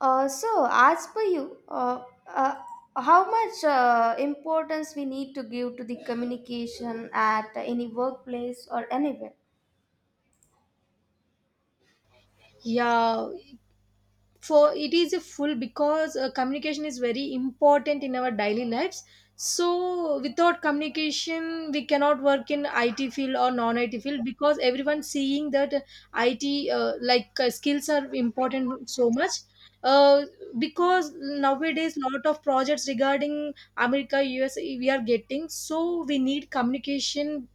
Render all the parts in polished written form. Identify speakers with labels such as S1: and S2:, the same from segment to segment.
S1: As per you, how much importance we need to give to the communication at any workplace or anywhere?
S2: Yeah. for it is a full because communication is very important in our daily lives. So without communication we cannot work in it field or non it field because everyone seeing that it like skills are important so much uh, because nowadays lot of projects regarding america us we are getting, so we need communication.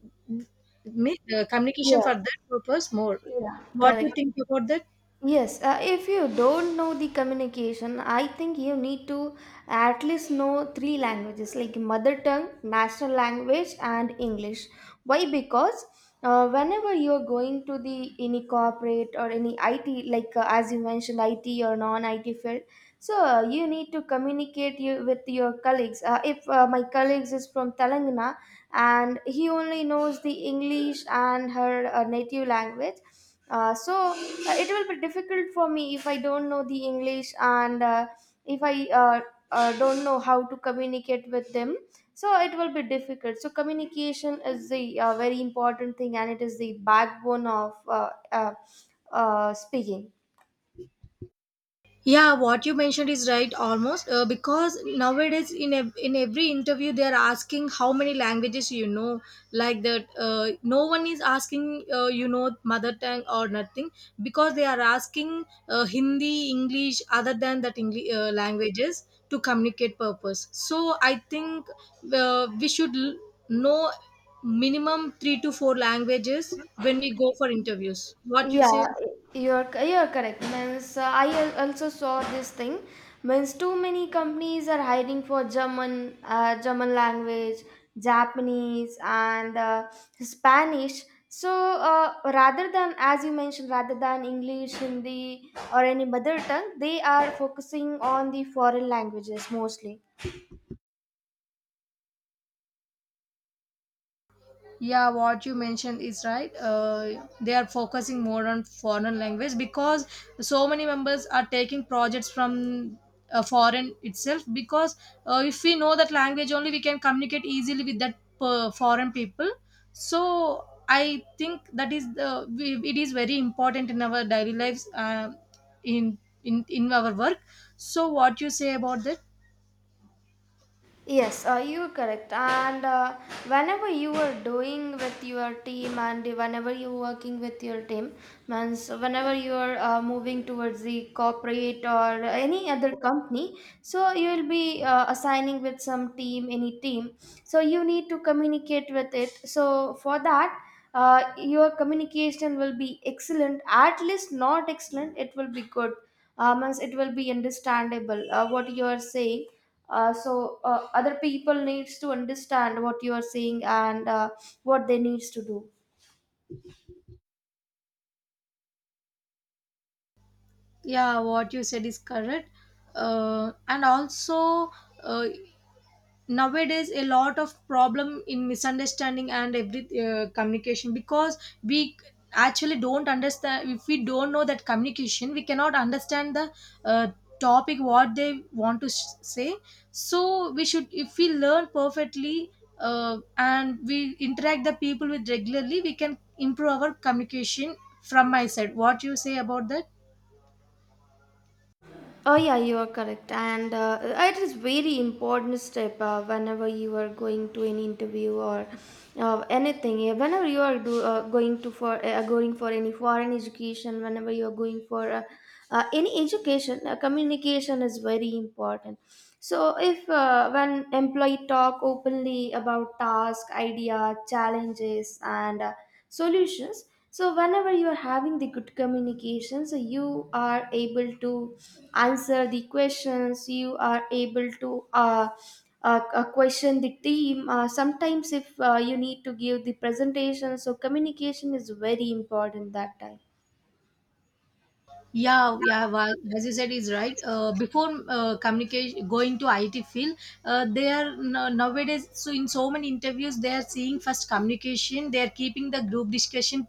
S2: Communication
S1: Yes.
S2: for that purpose more.
S1: Yeah.
S2: What do
S1: Correct.
S2: you think about that?
S1: Yes, if you don't know the communication, I think you need to at least know three languages like mother tongue, national language, and English. Why? Because whenever you are going to the any corporate or any IT, like as you mentioned, IT or non-IT field, so you need to communicate you, with your colleagues. If my colleagues is from Telangana and he only knows the English and her native language uh, so uh, it will be difficult for me if I don't know the English and if I don't know how to communicate with them. So it will be difficult. So communication is the very important thing and it is the backbone of speaking.
S2: Yeah, what you mentioned is right almost, because nowadays in every interview they are asking how many languages you know, like that. No one is asking, you know, mother tongue or nothing, because they are asking Hindi, English, other than that English languages to communicate purpose. So I think we should know minimum 3 to 4 languages when we go for interviews. What you
S1: Yeah,
S2: say?
S1: you're correct. Means I also saw this thing. Means too many companies are hiring for German, German language, Japanese, and Spanish. So rather than, as you mentioned, rather than English, Hindi, or any mother tongue, they are focusing on the foreign languages mostly.
S2: Yeah, what you mentioned is right. They are focusing more on foreign language because so many members are taking projects from foreign itself. Because if we know that language only, we can communicate easily with that foreign people. So I think that is the we, it is very important in our daily lives, in in our work. So what you say about that?
S1: Yes, you are correct. And whenever you are doing with your team, and whenever you are working with your team, means whenever you are moving towards the corporate or any other company, so you will be assigning with some team, any team. So you need to communicate with it. So for that, your communication will be excellent. At least not excellent, it will be good. Means it will be understandable what you are saying other people needs to understand what you are saying and what they needs to do.
S2: Yeah, what you said is correct. And also. Uh, Nowadays a lot of problem in misunderstanding and every communication, because we actually don't understand. If we don't know that communication, we cannot understand the uh, topic what they want to s say. So we should, if we learn perfectly and we interact the people with regularly, we can improve our communication from my side. What you say about that?
S1: Oh yeah, you are correct, and it is very important step whenever you are going to an interview or anything. Yeah. Whenever you are do, going to for going for any foreign education, whenever you are going for any education, communication is very important. So if when employee talk openly about task, idea, challenges, and solutions, so whenever you are having the good communication so you are able to answer the questions, you are able to question the team. Sometimes if you need to give the presentation, so communication is very important that time.
S2: Yeah, yeah. Well, as you said, is right. Before communication going to IT field, they are no- nowadays. So in so many interviews, they are seeing first communication. They are keeping the group discussion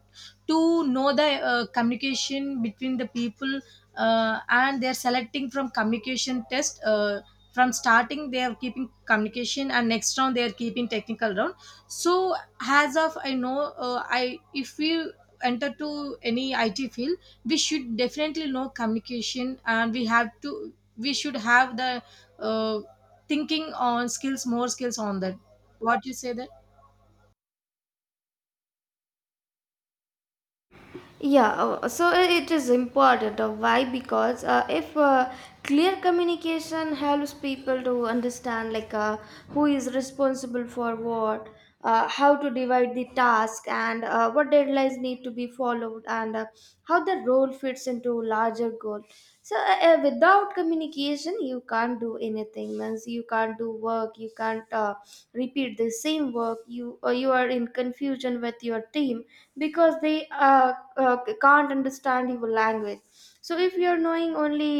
S2: to know the communication between the people, and they are selecting from communication test. From starting, they are keeping communication, and next round they are keeping technical round. So as of I know, I if we enter to any IT field, we should definitely know communication, and we should have the uh, thinking on skills, more skills on that. What you say that?
S1: Yeah, so it is important. Why? Because if clear communication helps people to understand, like who is responsible for what, how to divide the task, and what deadlines need to be followed, and how the role fits into larger goal. So without communication you can't do anything, means you can't do work, you can't repeat the same work, you or you are in confusion with your team because they can't understand your language. So if you are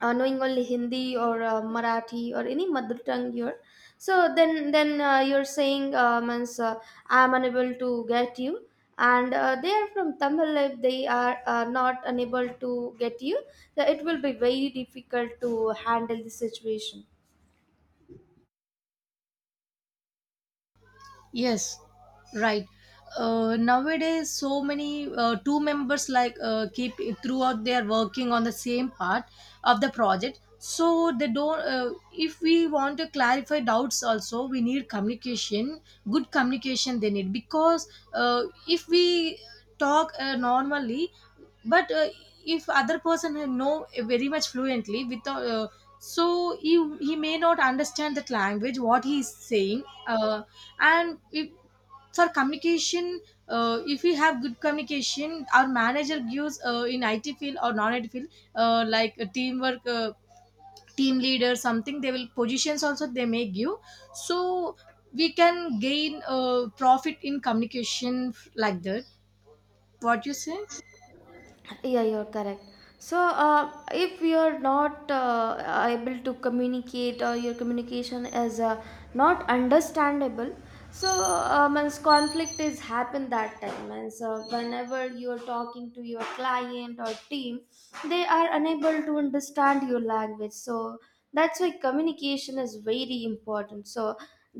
S1: knowing only Hindi or Marathi or any mother tongue here. So then, then you're saying means I'm unable to get you, and they are from Tamil. If they are not unable to get you, then it will be very difficult to handle the situation.
S2: Yes, right. Nowadays, so many two members like keep throughout they are working on the same part of the project. So they don't. If we want to clarify doubts, also we need communication. Good communication they need, because if we talk normally, but if other person know very much fluently without. So he may not understand that language what he is saying, and if for communication, if we have good communication, our manager gives in it field or non it field like a teamwork, team leader something, they will positions also they may give. So we can gain profit in communication like that. What you say?
S1: Yeah, you're correct. So if you're not able to communicate or your communication is not understandable, so means conflict is happen that time, means whenever you're talking to your client or team, they are unable to understand your language, so that's why communication is very important. So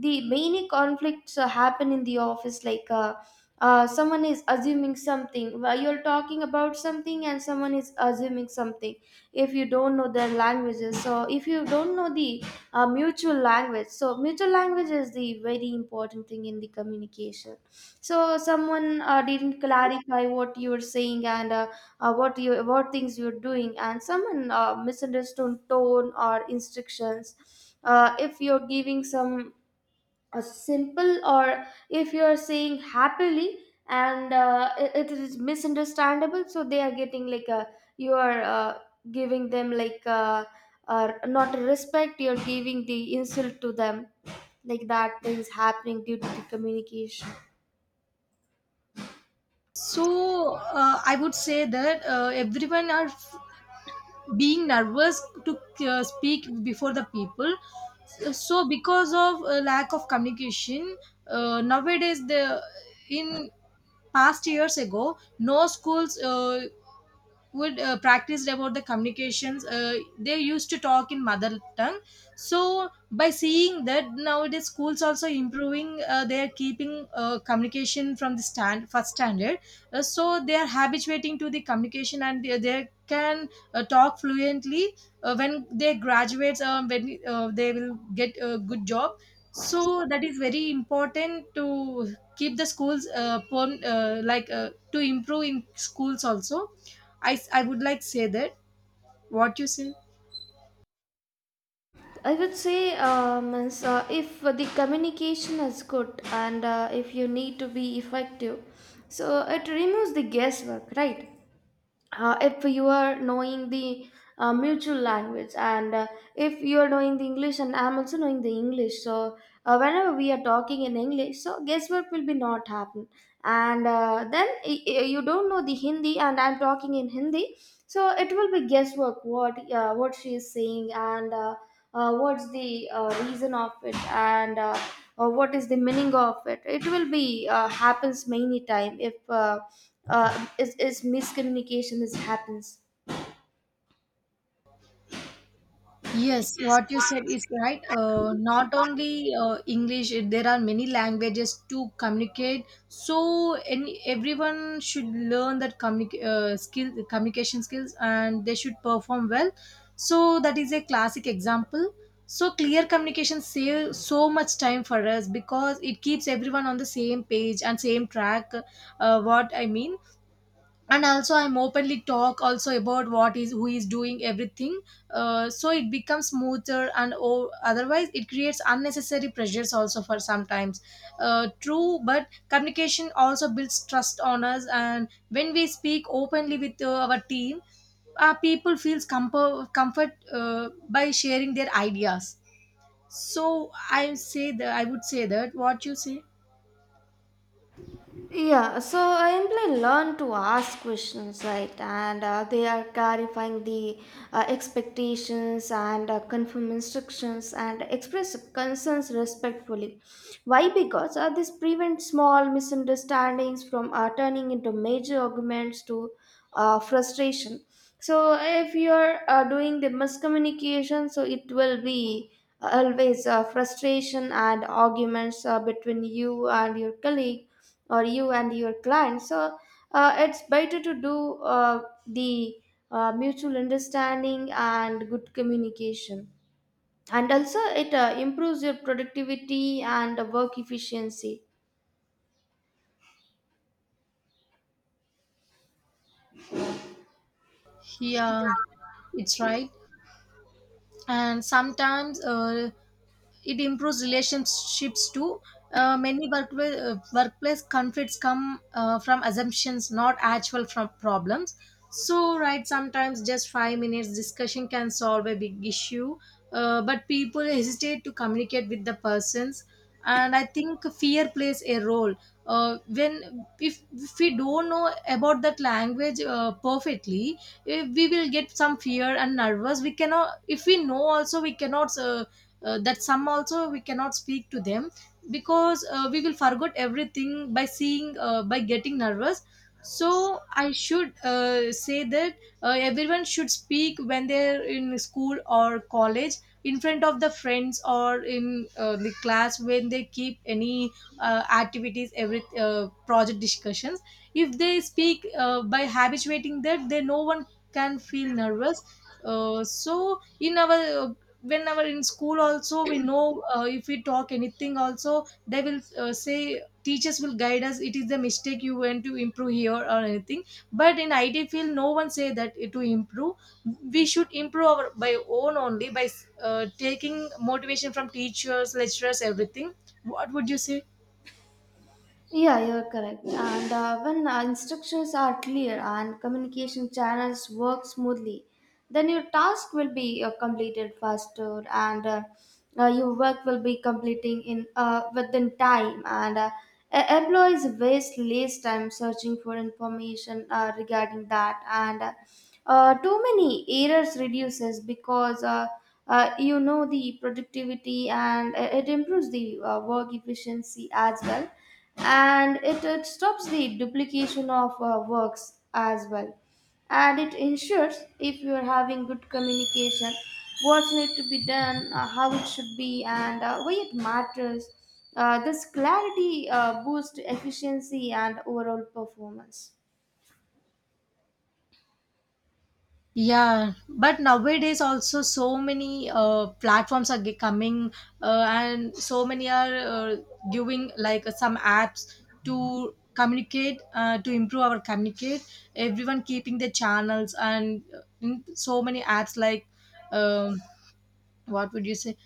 S1: the many conflicts happen in the office, like someone is assuming something. Well, you're talking about something and someone is assuming something. If you don't know their languages, so if you don't know the mutual language, so mutual language is the very important thing in the communication. So someone didn't clarify what you're saying, and what you, what things you're doing, and someone misunderstood tone or instructions. If you're giving some a simple or if you are saying happily, and it, it is misunderstandable, so they are getting like a, you are giving them like a not a respect, you're giving the insult to them, like that things happening due to the communication.
S2: So I would say that everyone are being nervous to speak before the people, so because of a lack of communication. Nowadays the in past years ago, no schools would practice about the communications. They used to talk in mother tongue. So by seeing that, nowadays schools also improving. They are keeping communication from the stand first standard. So they are habituating to the communication and they can talk fluently when they graduates, when they will get a good job. So that is very important to keep the schools like to improve in schools also, I would like say that. What you say?
S1: I would say is, if the communication is good and if you need to be effective, so it removes the guesswork, right? If you are knowing the mutual language, and if you are knowing the English and I'm also knowing the English, so whenever we are talking in English, so guesswork will be not happen. And then you don't know the Hindi and I'm talking in Hindi, so it will be guesswork, what she is saying, and what's the reason of it, and what is the meaning of it. It will be happens many time if is miscommunication is happens.
S2: Yes, what you said is right. Not only English, there are many languages to communicate. So any, everyone should learn that skill, communication skills, and they should perform well. So that is a classic example. So clear communication saves so much time for us, because it keeps everyone on the same page and same track. What I mean, and also I'm openly talk also about what is who is doing everything, so it becomes smoother, and otherwise it creates unnecessary pressures also for sometimes. True, but communication also builds trust on us, and when we speak openly with our team, people feels comfort by sharing their ideas. I would say that. What you say?
S1: Yeah, so I simply learn to ask questions, right? And they are clarifying the expectations, and confirm instructions and express concerns respectfully. Why? Because this prevents small misunderstandings from turning into major arguments to frustration. So if you're doing the miscommunication, so it will be always frustration and arguments between you and your colleague or you and your client. So it's better to do the mutual understanding and good communication, and also it improves your productivity and work efficiency.
S2: Yeah, it's right. And sometimes it improves relationships too. Workplace conflicts come from assumptions, not actual from problems. So, right, sometimes just 5 minutes discussion can solve a big issue, but people hesitate to communicate with the persons. And I think fear plays a role. When If we don't know about that language perfectly, eh, we will get some fear and nervous. We cannot. If we know also, we cannot. That some also we cannot speak to them, because we will forget everything by seeing, by getting nervous. So I should say that everyone should speak when they're in school or college, in front of the friends or in the class when they keep any activities, every project discussions. If they speak by habituating that, then no one can feel nervous. So in our Whenever in school also we know, if we talk anything also, they will say teachers will guide us it is the mistake you went to improve here or anything. But in it field no one say that it to improve. We should improve our by own only by taking motivation from teachers, lecturers, everything. What would you say?
S1: Yeah, you're correct. And when instructions are clear and communication channels work smoothly, then your task will be completed faster, and your work will be completing in within time. And employees waste less time searching for information regarding that. And too many errors reduces because you know the productivity, and it improves the work efficiency as well, and it stops the duplication of works as well. And it ensures, if you are having good communication, what's need to be done, how it should be, and why it matters. This clarity boosts efficiency and overall performance.
S2: Yeah, but nowadays also so many platforms are coming, and so many are giving like some apps to communicate, to improve our communicate. Everyone keeping their channels and in so many apps, like um, what would you say,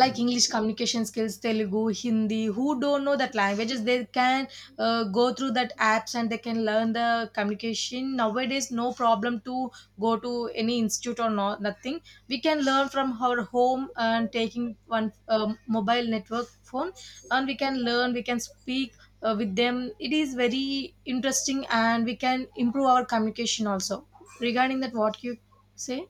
S2: like english communication skills, telugu, hindi. Who don't know that languages, they can go through that apps and they can learn the communication. Nowadays, no problem to go to any institute or not nothing. We can learn from our home and taking one um, mobile network phone, and we can learn, we can speak with them. It is very interesting, and we can improve our communication also. Regarding that, what you say?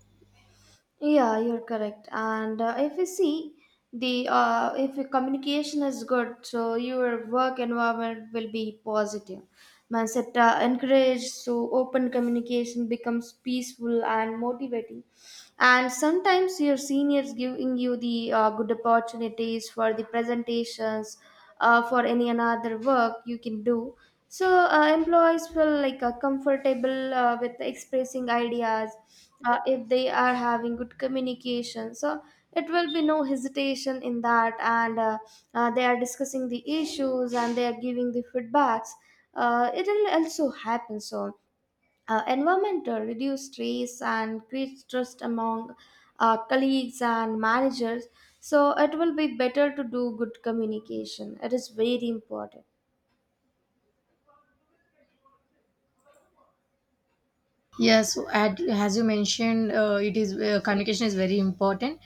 S1: Yeah, you're correct. And if you see the, if your communication is good, so your work environment will be positive. Mindset encouraged, so open communication becomes peaceful and motivating, and sometimes your seniors giving you the good opportunities for the presentations, for any another work you can do. So employees feel like comfortable with expressing ideas. If they are having good communication, so it will be no hesitation in that, and they are discussing the issues and they are giving the feedbacks. It will also happen. So environmental reduce stress and creates trust among colleagues and managers. So it will be better to do good communication, it is very important.
S2: Yes, at, as you mentioned, it is communication is very important.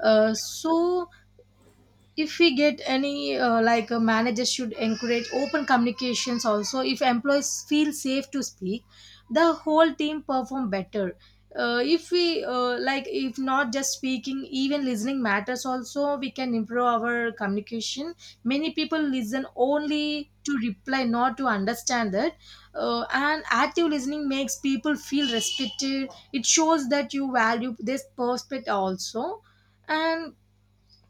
S2: So if we get any like managers should encourage open communications also. If employees feel safe to speak, the whole team perform better. If we like, if not just speaking even listening matters also, we can improve our communication. Many people listen only to reply, not to understand that. And active listening makes people feel respected. It shows that you value this perspective also. And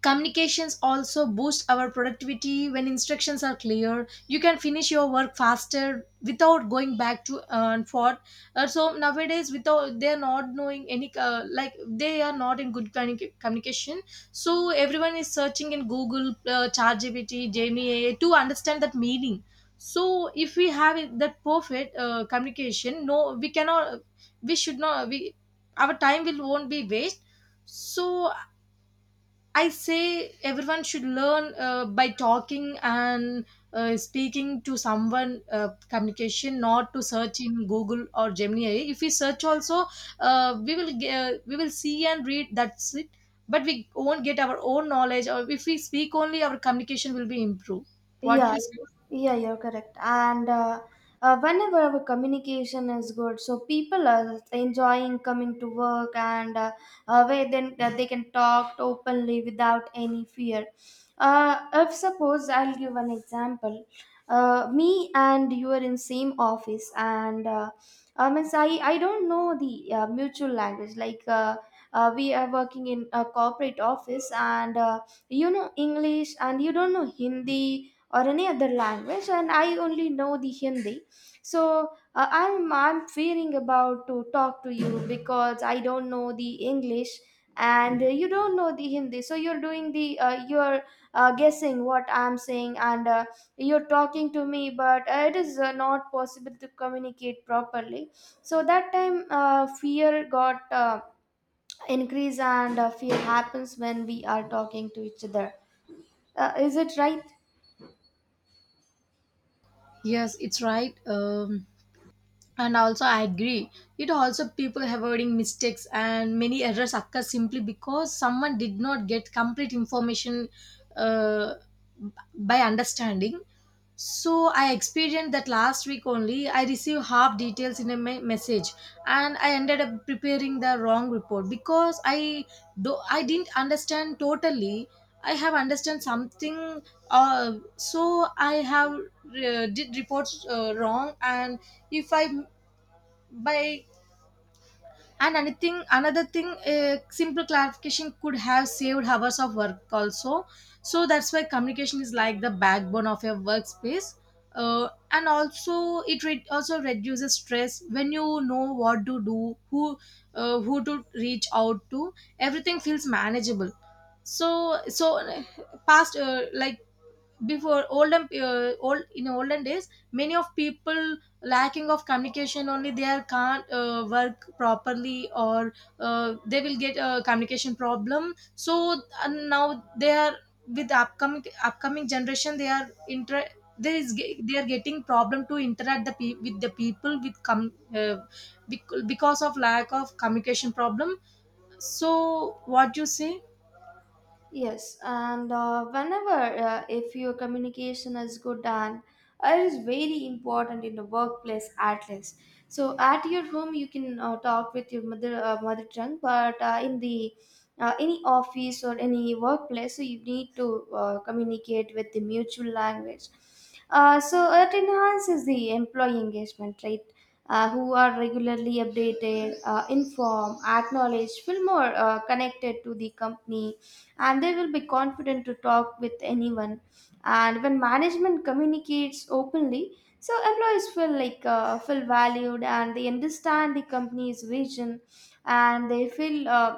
S2: communications also boost our productivity. When instructions are clear, you can finish your work faster without going back to and forth. So nowadays without they are not knowing any like, they are not in good communication. So everyone is searching in google, ChatGPT, gemini, to understand that meaning. So if we have that perfect communication, no, we cannot, we should not, we, our time will won't be waste. So I say everyone should learn by talking and speaking to someone communication, not to search in Google or Gemini. If we search also, we will see and read. That's it. But we won't get our own knowledge, or if we speak only, our communication will be improved. What
S1: Yeah,
S2: you say?
S1: yeah, you're correct. And whenever our communication is good, so people are enjoying coming to work, and where then that they can talk openly without any fear. If suppose I'll give an example, me and you are in same office, and I mean I don't know the mutual language like. We are working in a corporate office, and you know English and you don't know Hindi or any other language, and I only know the Hindi. So I'm fearing about to talk to you because I don't know the English and you don't know the Hindi, so you're doing the you're guessing what I'm saying, and you're talking to me, but it is not possible to communicate properly. So that time fear got increase, and fear happens when we are talking to each other. Is it right?
S2: Yes, it's right. And also I agree, it also people avoiding mistakes and many errors occur simply because someone did not get complete information uh, by understanding. So I experienced that last week only. I received half details in a message, and I ended up preparing the wrong report because I didn't understand totally. I have understand something. So I have did reports wrong, and if I by and anything, another thing, a simple clarification could have saved hours of work also. So that's why communication is like the backbone of your workspace. And also it also reduces stress when you know what to do, who to reach out to. Everything feels manageable. So, past like before olden, old in olden days, many of people lacking of communication only, they are can't work properly, or they will get a communication problem. So now they are with upcoming generation, they are inter there is ge- they are getting problem to interact with the people because of lack of communication problem. So what you say?
S1: Yes, and whenever if your communication is good, and it is very important in the workplace at least. So at your home you can talk with your mother, mother tongue, but in the any office or any workplace, so you need to communicate with the mutual language. So it enhances the employee engagement, right? Who are regularly updated, informed, acknowledged, feel more connected to the company, and they will be confident to talk with anyone. And when management communicates openly, so employees feel feel valued, and they understand the company's vision, and they feel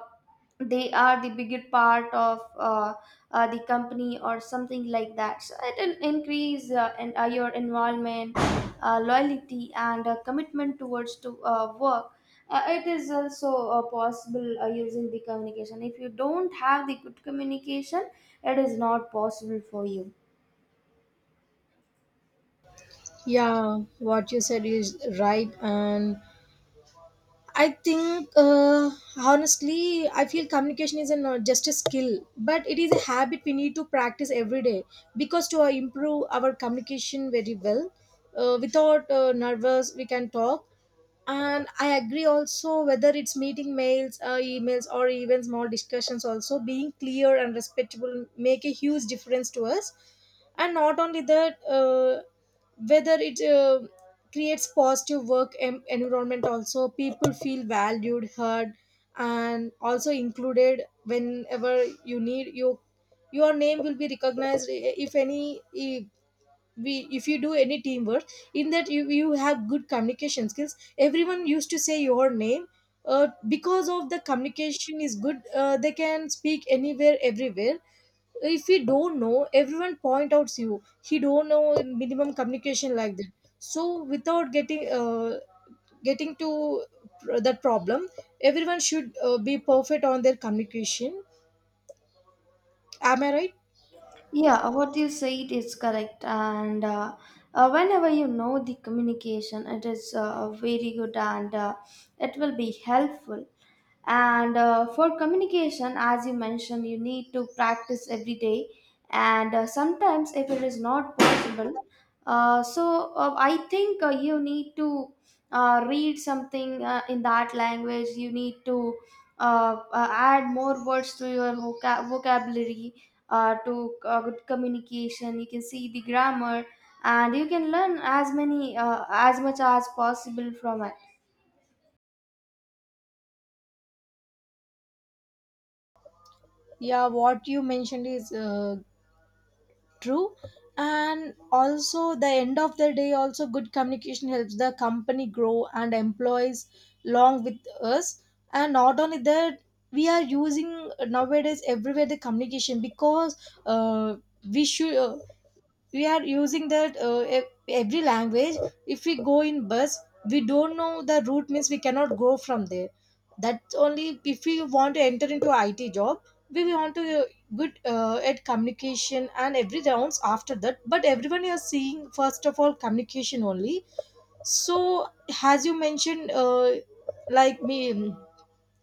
S1: they are the bigger part of the company or something like that. So it will increase your involvement, loyalty, and commitment towards to work. It is also possible using the communication. If you don't have the good communication, it is not possible for you.
S2: Yeah, what you said is right, and I think, honestly, I feel communication is not just a skill, but it is a habit we need to practice every day, because to improve our communication very well, without nervous, we can talk. And I agree also, whether it's meeting mails, emails or even small discussions, also being clear and respectable make a huge difference to us. And not only that, whether it creates positive work environment. Also people feel valued, heard, and also included. Whenever you need, your name will be recognized if any eh, we if you do any teamwork, in that you have good communication skills, everyone used to say your name, because of the communication is good. They can speak anywhere, everywhere. If you don't know, everyone point outs you, "He don't know minimum communication," like that. So without getting to that problem, everyone should be perfect on their communication. Am I right?
S1: Yeah, what you said is correct. And whenever you know the communication, it is very good and it will be helpful. And for communication, as you mentioned, you need to practice every day. And sometimes, if it is not possible, I think you need to read something in that language. You need to add more words to your vocabulary to good communication. You can see the grammar and you can learn as many as much as possible from it.
S2: Yeah, what you mentioned is true. And also, the end of the day also, good communication helps the company grow and employees long with us. And not only that, we are using nowadays everywhere the communication, because uh, we should uh, we are using that every language. If we go in bus, we don't know the route means we cannot go from there. That's only if we want to enter into it job, we want to good at communication and every rounds after that, but everyone is seeing first of all communication only. So as you mentioned, like me,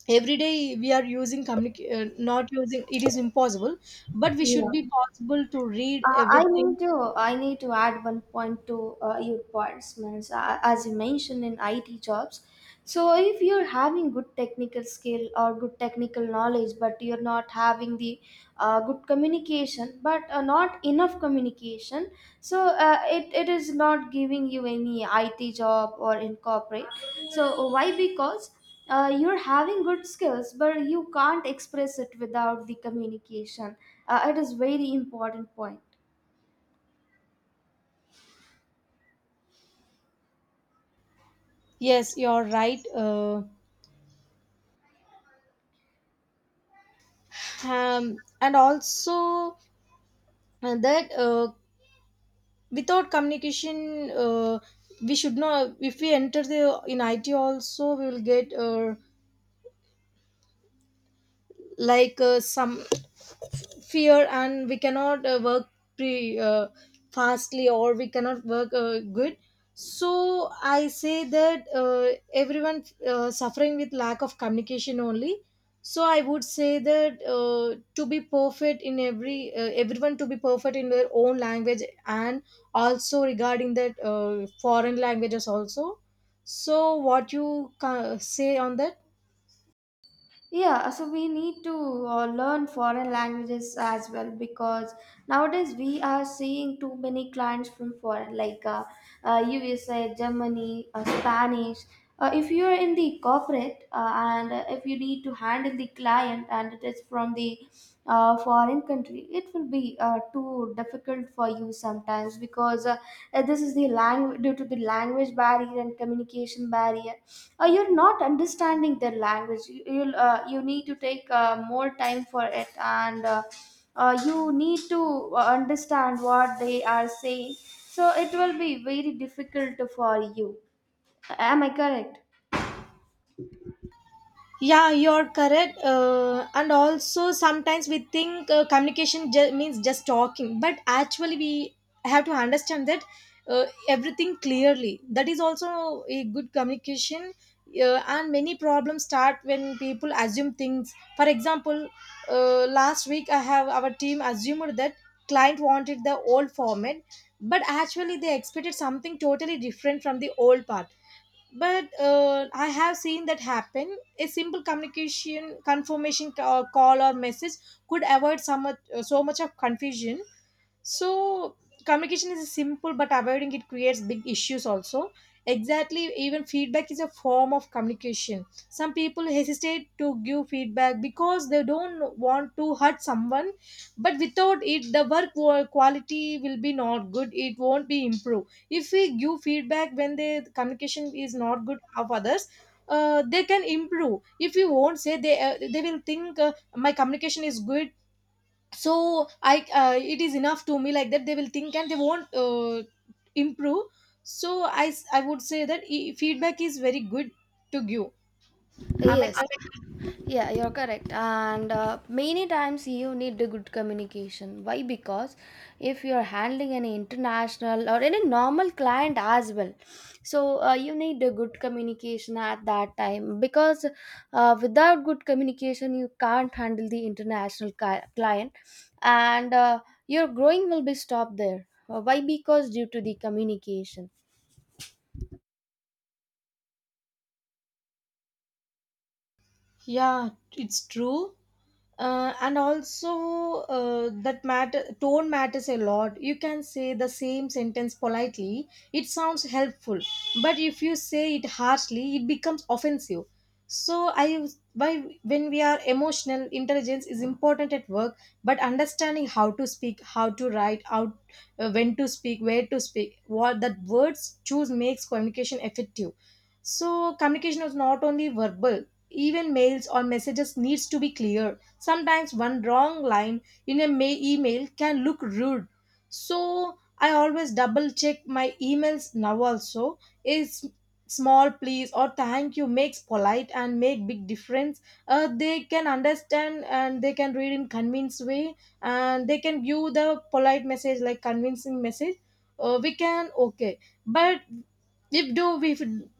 S2: every day we are using not using it is impossible, but we should
S1: Yeah.
S2: be possible to read
S1: I
S2: everything.
S1: need to, I need to add 1 point to your points, Mans. As you mentioned, in IT jobs, so if you're having good technical skill or good technical knowledge, but you're not having the good communication, but not enough communication, so it is not giving you any IT job or in corporate. So why? Because you're having good skills, but you can't express it without the communication. It is very important point.
S2: Yes, you're right. And also that without communication, we should not. If we enter the in IT, also we will get like some fear, and we cannot work pre fastly, or we cannot work good. So I say that everyone suffering with lack of communication only. So I would say that, to be perfect in everyone, to be perfect in their own language, and also regarding that, foreign languages also. So what you say on that?
S1: Yeah, so we need to learn foreign languages as well, because nowadays we are seeing too many clients from foreign, like USA, Germany, Spanish. If you are in the corporate and if you need to handle the client and it is from the foreign country, it will be too so difficult for you sometimes because this is the language due to the language barrier and communication barrier. You're not understanding their language. You need to take more time for it, and you need to understand what they are saying, so it will be very difficult for you. Am I correct?
S2: Yeah, you're correct. And also sometimes we think communication means just talking, but actually we have to understand that everything clearly, that is also a good communication. And many problems start when people assume things. For example, last week I have our team assumed that client wanted the old format, but actually they expected something totally different from the old part. But I have seen that happen. A simple communication confirmation call or message could avoid so much, so much of confusion. So communication is simple, but avoiding it creates big issues also. Exactly, even feedback is a form of communication. Some people hesitate to give feedback because they don't want to hurt someone, but without it the work quality will be not good, it won't be improved. If we give feedback when the communication is not good of others, they can improve. If we won't say, they will think, my communication is good, so I it is enough to me, like that they will think, and they won't improve. So I would say that feedback is very good to give. I'm
S1: Yes, yeah, you're correct. And many times you need a good communication. Why? Because if you're handling any international or any normal client as well, so you need a good communication at that time. Because without good communication, you can't handle the international client, and your growing will be stopped there. Why? Because due to the communication.
S2: yeah it's true. And also that matter tone matters a lot. You can say the same sentence politely, it sounds helpful, but if you say it harshly, it becomes offensive. So I why when we are Emotional intelligence is important at work, but understanding how to speak, how to write, how when to speak, where to speak, what that words choose makes communication effective. So communication is not only verbal, even mails or messages needs to be clear. Sometimes one wrong line in a email can look rude. So I always double check my emails now also. Is small please or thank you makes polite and make big difference. They can understand and they can read in convinced way, and they can view the polite message like convincing message. We can okay, but if do we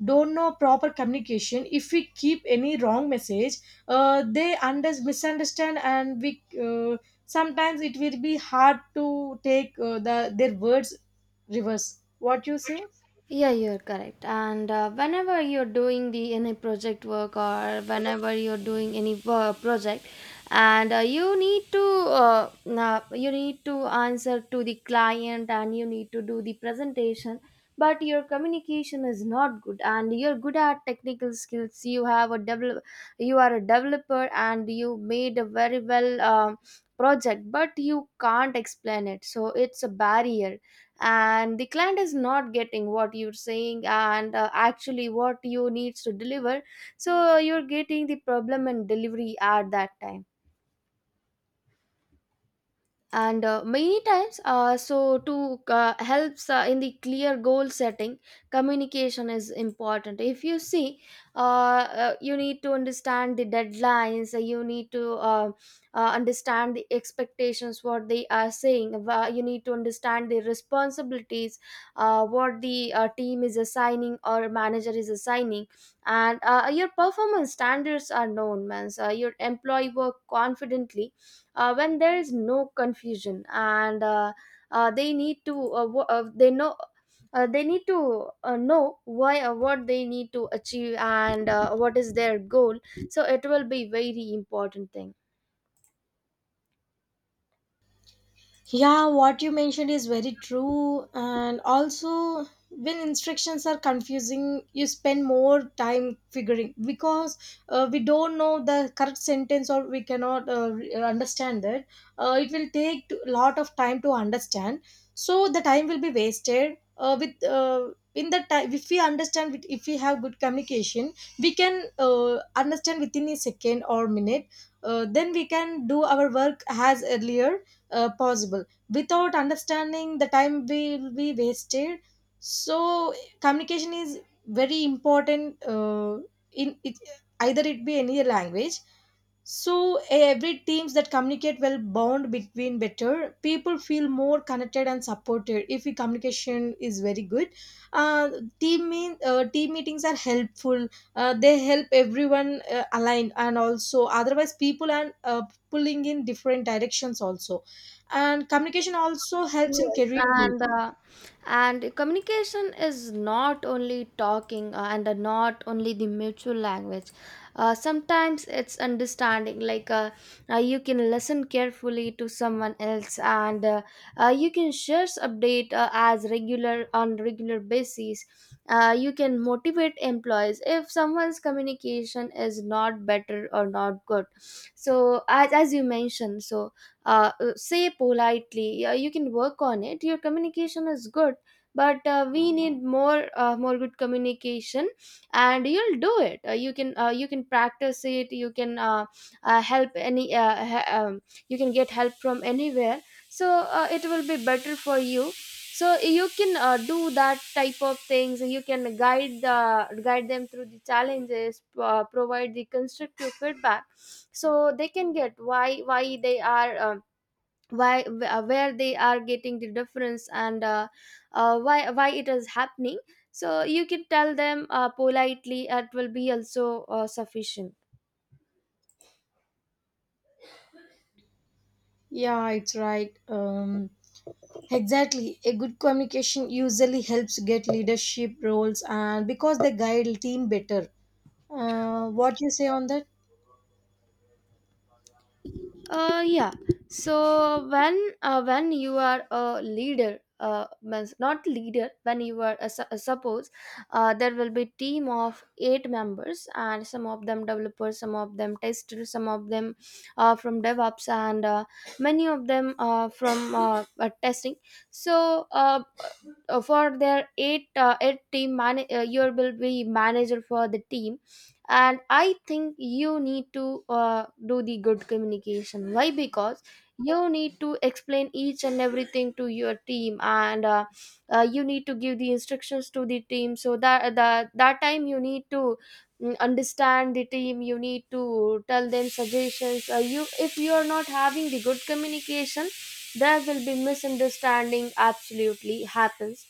S2: don't know proper communication, if we keep any wrong message, they misunderstand, and we sometimes it will be hard to take the their words reverse. What you say?
S1: Yeah, you're correct. And whenever you're doing the any project work or whenever you're doing any project, and you need to answer to the client and you need to do the presentation, but your communication is not good, and you're good at technical skills. You have a develop, you are a developer, and you made a very well project, but you can't explain it. So it's a barrier and the client is not getting what you're saying and actually what you needs to deliver. So you're getting the problem and delivery at that time. And many times so to helps in the clear goal setting, communication is important. If you see, you need to understand the deadlines. You need to understand the expectations, what they are saying. You need to understand the responsibilities, what the team is assigning or manager is assigning. And your performance standards are known, man, so your employee work confidently when there is no confusion. And they need to, they know they need to know why, what they need to achieve and what is their goal. So it will be very important thing.
S2: Yeah, what you mentioned is very true. And also, when instructions are confusing, you spend more time figuring, because we don't know the correct sentence, or we cannot understand that. It will take a lot of time to understand. So the time will be wasted. With In the time, if we understand, if we have good communication, we can understand within a second or minute. Then we can do our work as earlier possible. Without understanding, the time will be wasted. So communication is very important, in it, either it be any language. So every teams that communicate well bond between better, people feel more connected and supported if the communication is very good. Uh, Team meetings are helpful. They help everyone align, and also otherwise people are pulling in different directions also. And communication also helps in
S1: Yes,
S2: career growth.
S1: and and communication is not only talking, and not only the mutual language. Sometimes it's understanding. Like you can listen carefully to someone else, and you can share update as regular on regular basis. You can motivate employees if someone's communication is not better or not good. So as you mentioned, so say politely. You can work on it. Your communication is good, but we need more, more good communication, and you'll do it. You can you can practice it. You can, help any you can get help from anywhere, so it will be better for you. So you can do that type of things. You can guide the guide them through the challenges, provide the constructive feedback, so they can get why they are, where they are getting the difference, and why why it is happening. So you can tell them politely, it will be also sufficient.
S2: Yeah, it's right. Exactly, a good communication usually helps get leadership roles, and because they guide team better. What you say on that?
S1: Yeah. So when, when you are a leader, means not leader. When you are a, a suppose, there will be team of eight members, and some of them developers, some of them testers, some of them from DevOps, and many of them from testing. So for their eight team, man, you will be manager for the team, and I think you need to do the good communication. Why? Because you need to explain each and everything to your team, and you need to give the instructions to the team, so that that time you need to, understand the team. You need to tell them suggestions. You, if you are not having the good communication, there will be misunderstanding absolutely happens.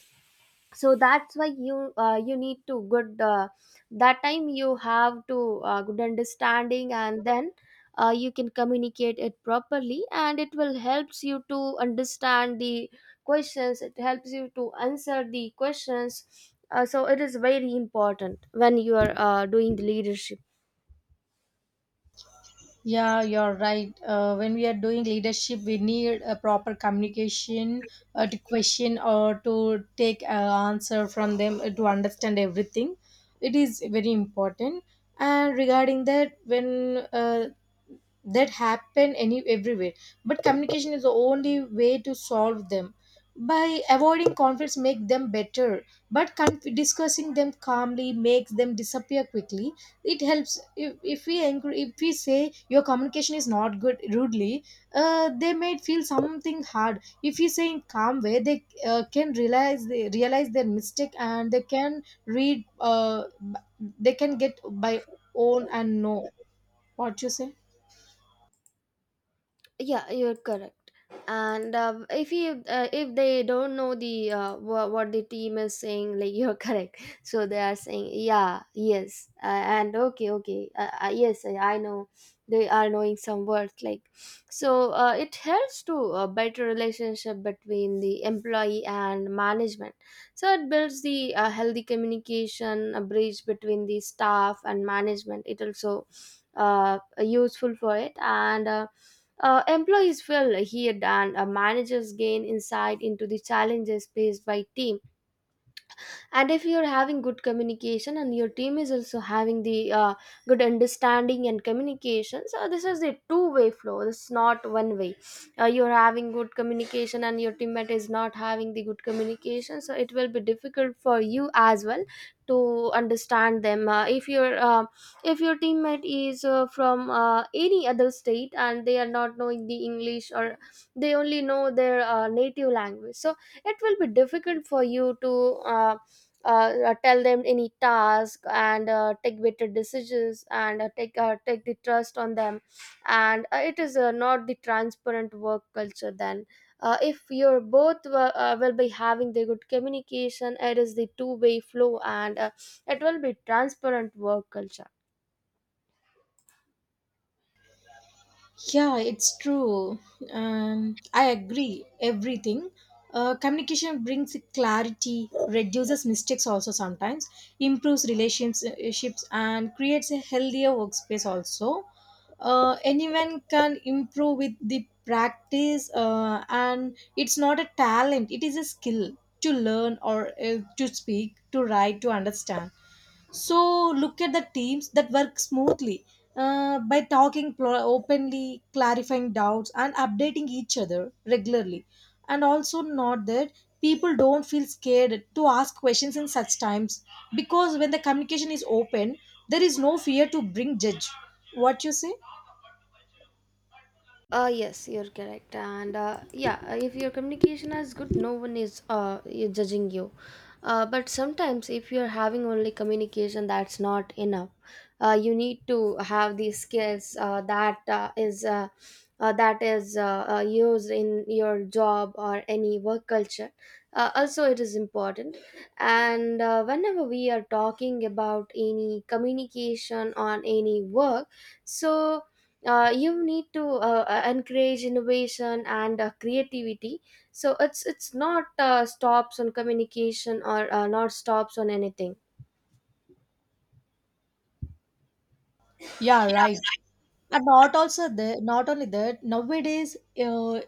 S1: So that's why you, you need to good, that time you have to good understanding, and then you can communicate it properly, and it will helps you to understand the questions, it helps you to answer the questions. So it is very important when you are doing the leadership.
S2: Yeah, you're right. When we are doing leadership, we need a proper communication to question or to take an answer from them, to understand everything. It is very important. And regarding that, when that happen any everywhere, but communication is the only way to solve them. By avoiding conflicts make them better, but discussing them calmly makes them disappear quickly. It helps if we angry, if we say your communication is not good rudely, they may feel something hard. If we say in calm way, they can realize, they realize their mistake, and they can read they can get by own and know. What you say?
S1: Yeah, you're correct. And if you, if they don't know the, what the team is saying, like you're correct, so they are saying yeah, yes, and okay, okay, yes, I know. They are knowing some words, like, so it helps to a better relationship between the employee and management. So it builds the healthy communication, a bridge between the staff and management. It also useful for it, and employees feel heard, and managers gain insight into the challenges faced by teams. And if you're having good communication and your team is also having the good understanding and communication, so this is a two-way flow, this is not one way. You're having good communication and your teammate is not having the good communication, so it will be difficult for you as well to understand them. If your, if your teammate is from any other state and they are not knowing the English, or they only know their native language, so it will be difficult for you to uh, tell them any task, and take better decisions, and take the trust on them. And it is not the transparent work culture, then. If you're both, will be having the good communication, it is the two-way flow, and it will be transparent work culture.
S2: Yeah, it's true. I agree, everything. Communication brings clarity, reduces mistakes also sometimes, improves relationships, and creates a healthier workspace also. Anyone can improve with the practice, and it's not a talent, it is a skill to learn, or to speak, to write, to understand. So look at the teams that work smoothly, by talking openly, clarifying doubts, and updating each other regularly. And also, not that people don't feel scared to ask questions in such times, because when the communication is open, there is no fear to bring judge. What you say?
S1: Yes, you're correct. And yeah, if your communication is good, no one is judging you. But sometimes, if you're having only communication, that's not enough. You need to have these skills that is that is, used in your job or any work culture. Also, it is important. And whenever we are talking about any communication on any work, so you need to encourage innovation and creativity, so it's not stops on communication or not stops on anything.
S2: Yeah, right. And not also the not only that, nowadays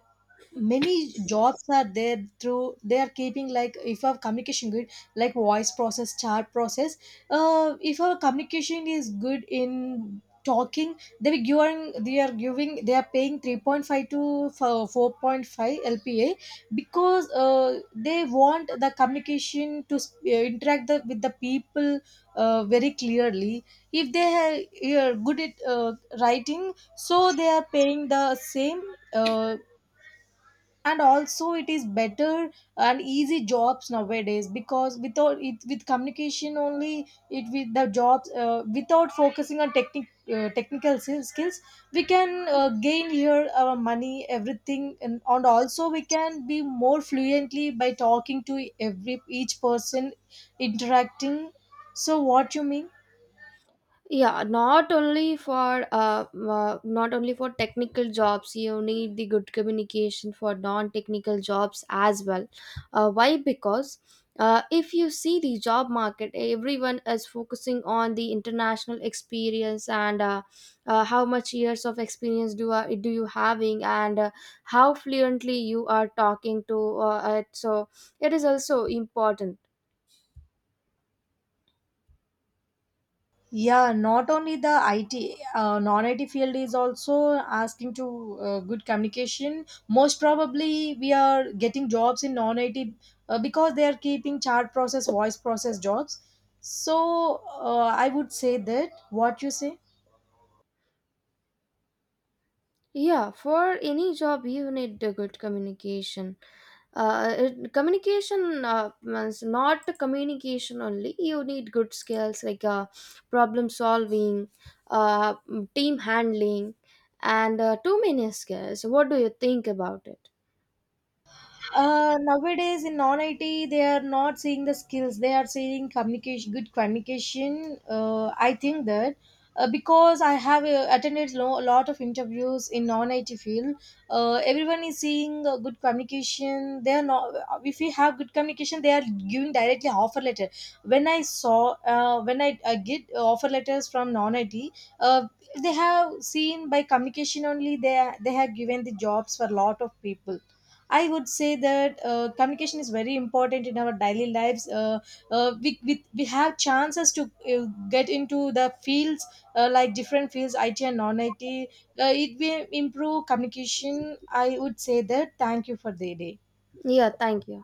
S2: many jobs are there through they are keeping, like, if our communication good, like voice process, chat process. If our communication is good in talking, they are paying 3.5 to 4.5 LPA, because they want the communication to interact with the people very clearly. If they are good at writing, so they are paying the same. uh, and also it is better and easy jobs nowadays, because without it, with communication only, it with the jobs, without focusing on technical skills, we can gain here our money everything, and also we can be more fluently by talking to every each person interacting. So what you mean?
S1: Yeah, not only for not only for technical jobs, you need the good communication for non technical jobs as well. Why? Because if you see the job market, everyone is focusing on the international experience, and how much years of experience do you having, and how fluently you are talking to it, so it is also important.
S2: Yeah, not only the IT, non-IT field is also asking to good communication. Most probably, we are getting jobs in non-IT, because they are keeping chat process, voice process jobs. So I would say that. What you say?
S1: Yeah, for any job, you need a good communication. It, communication means not communication only. You need good skills like problem solving, uh, team handling, and too many skills. What do you think about it?
S2: Nowadays in non IT, they are not seeing the skills. They are seeing communication, good communication. I think that, because I have attended a lot of interviews in non IT field, everyone is seeing good communication. They are not. If we have good communication, they are giving directly offer letter. When I saw, when I get offer letters from non IT, uh, they have seen by communication only. They have given the jobs for a lot of people. I would say that communication is very important in our daily lives. We have chances to get into the fields, like different fields, IT and non IT. It will improve communication. I would say that. Thank you for the day.
S1: Yeah, thank you.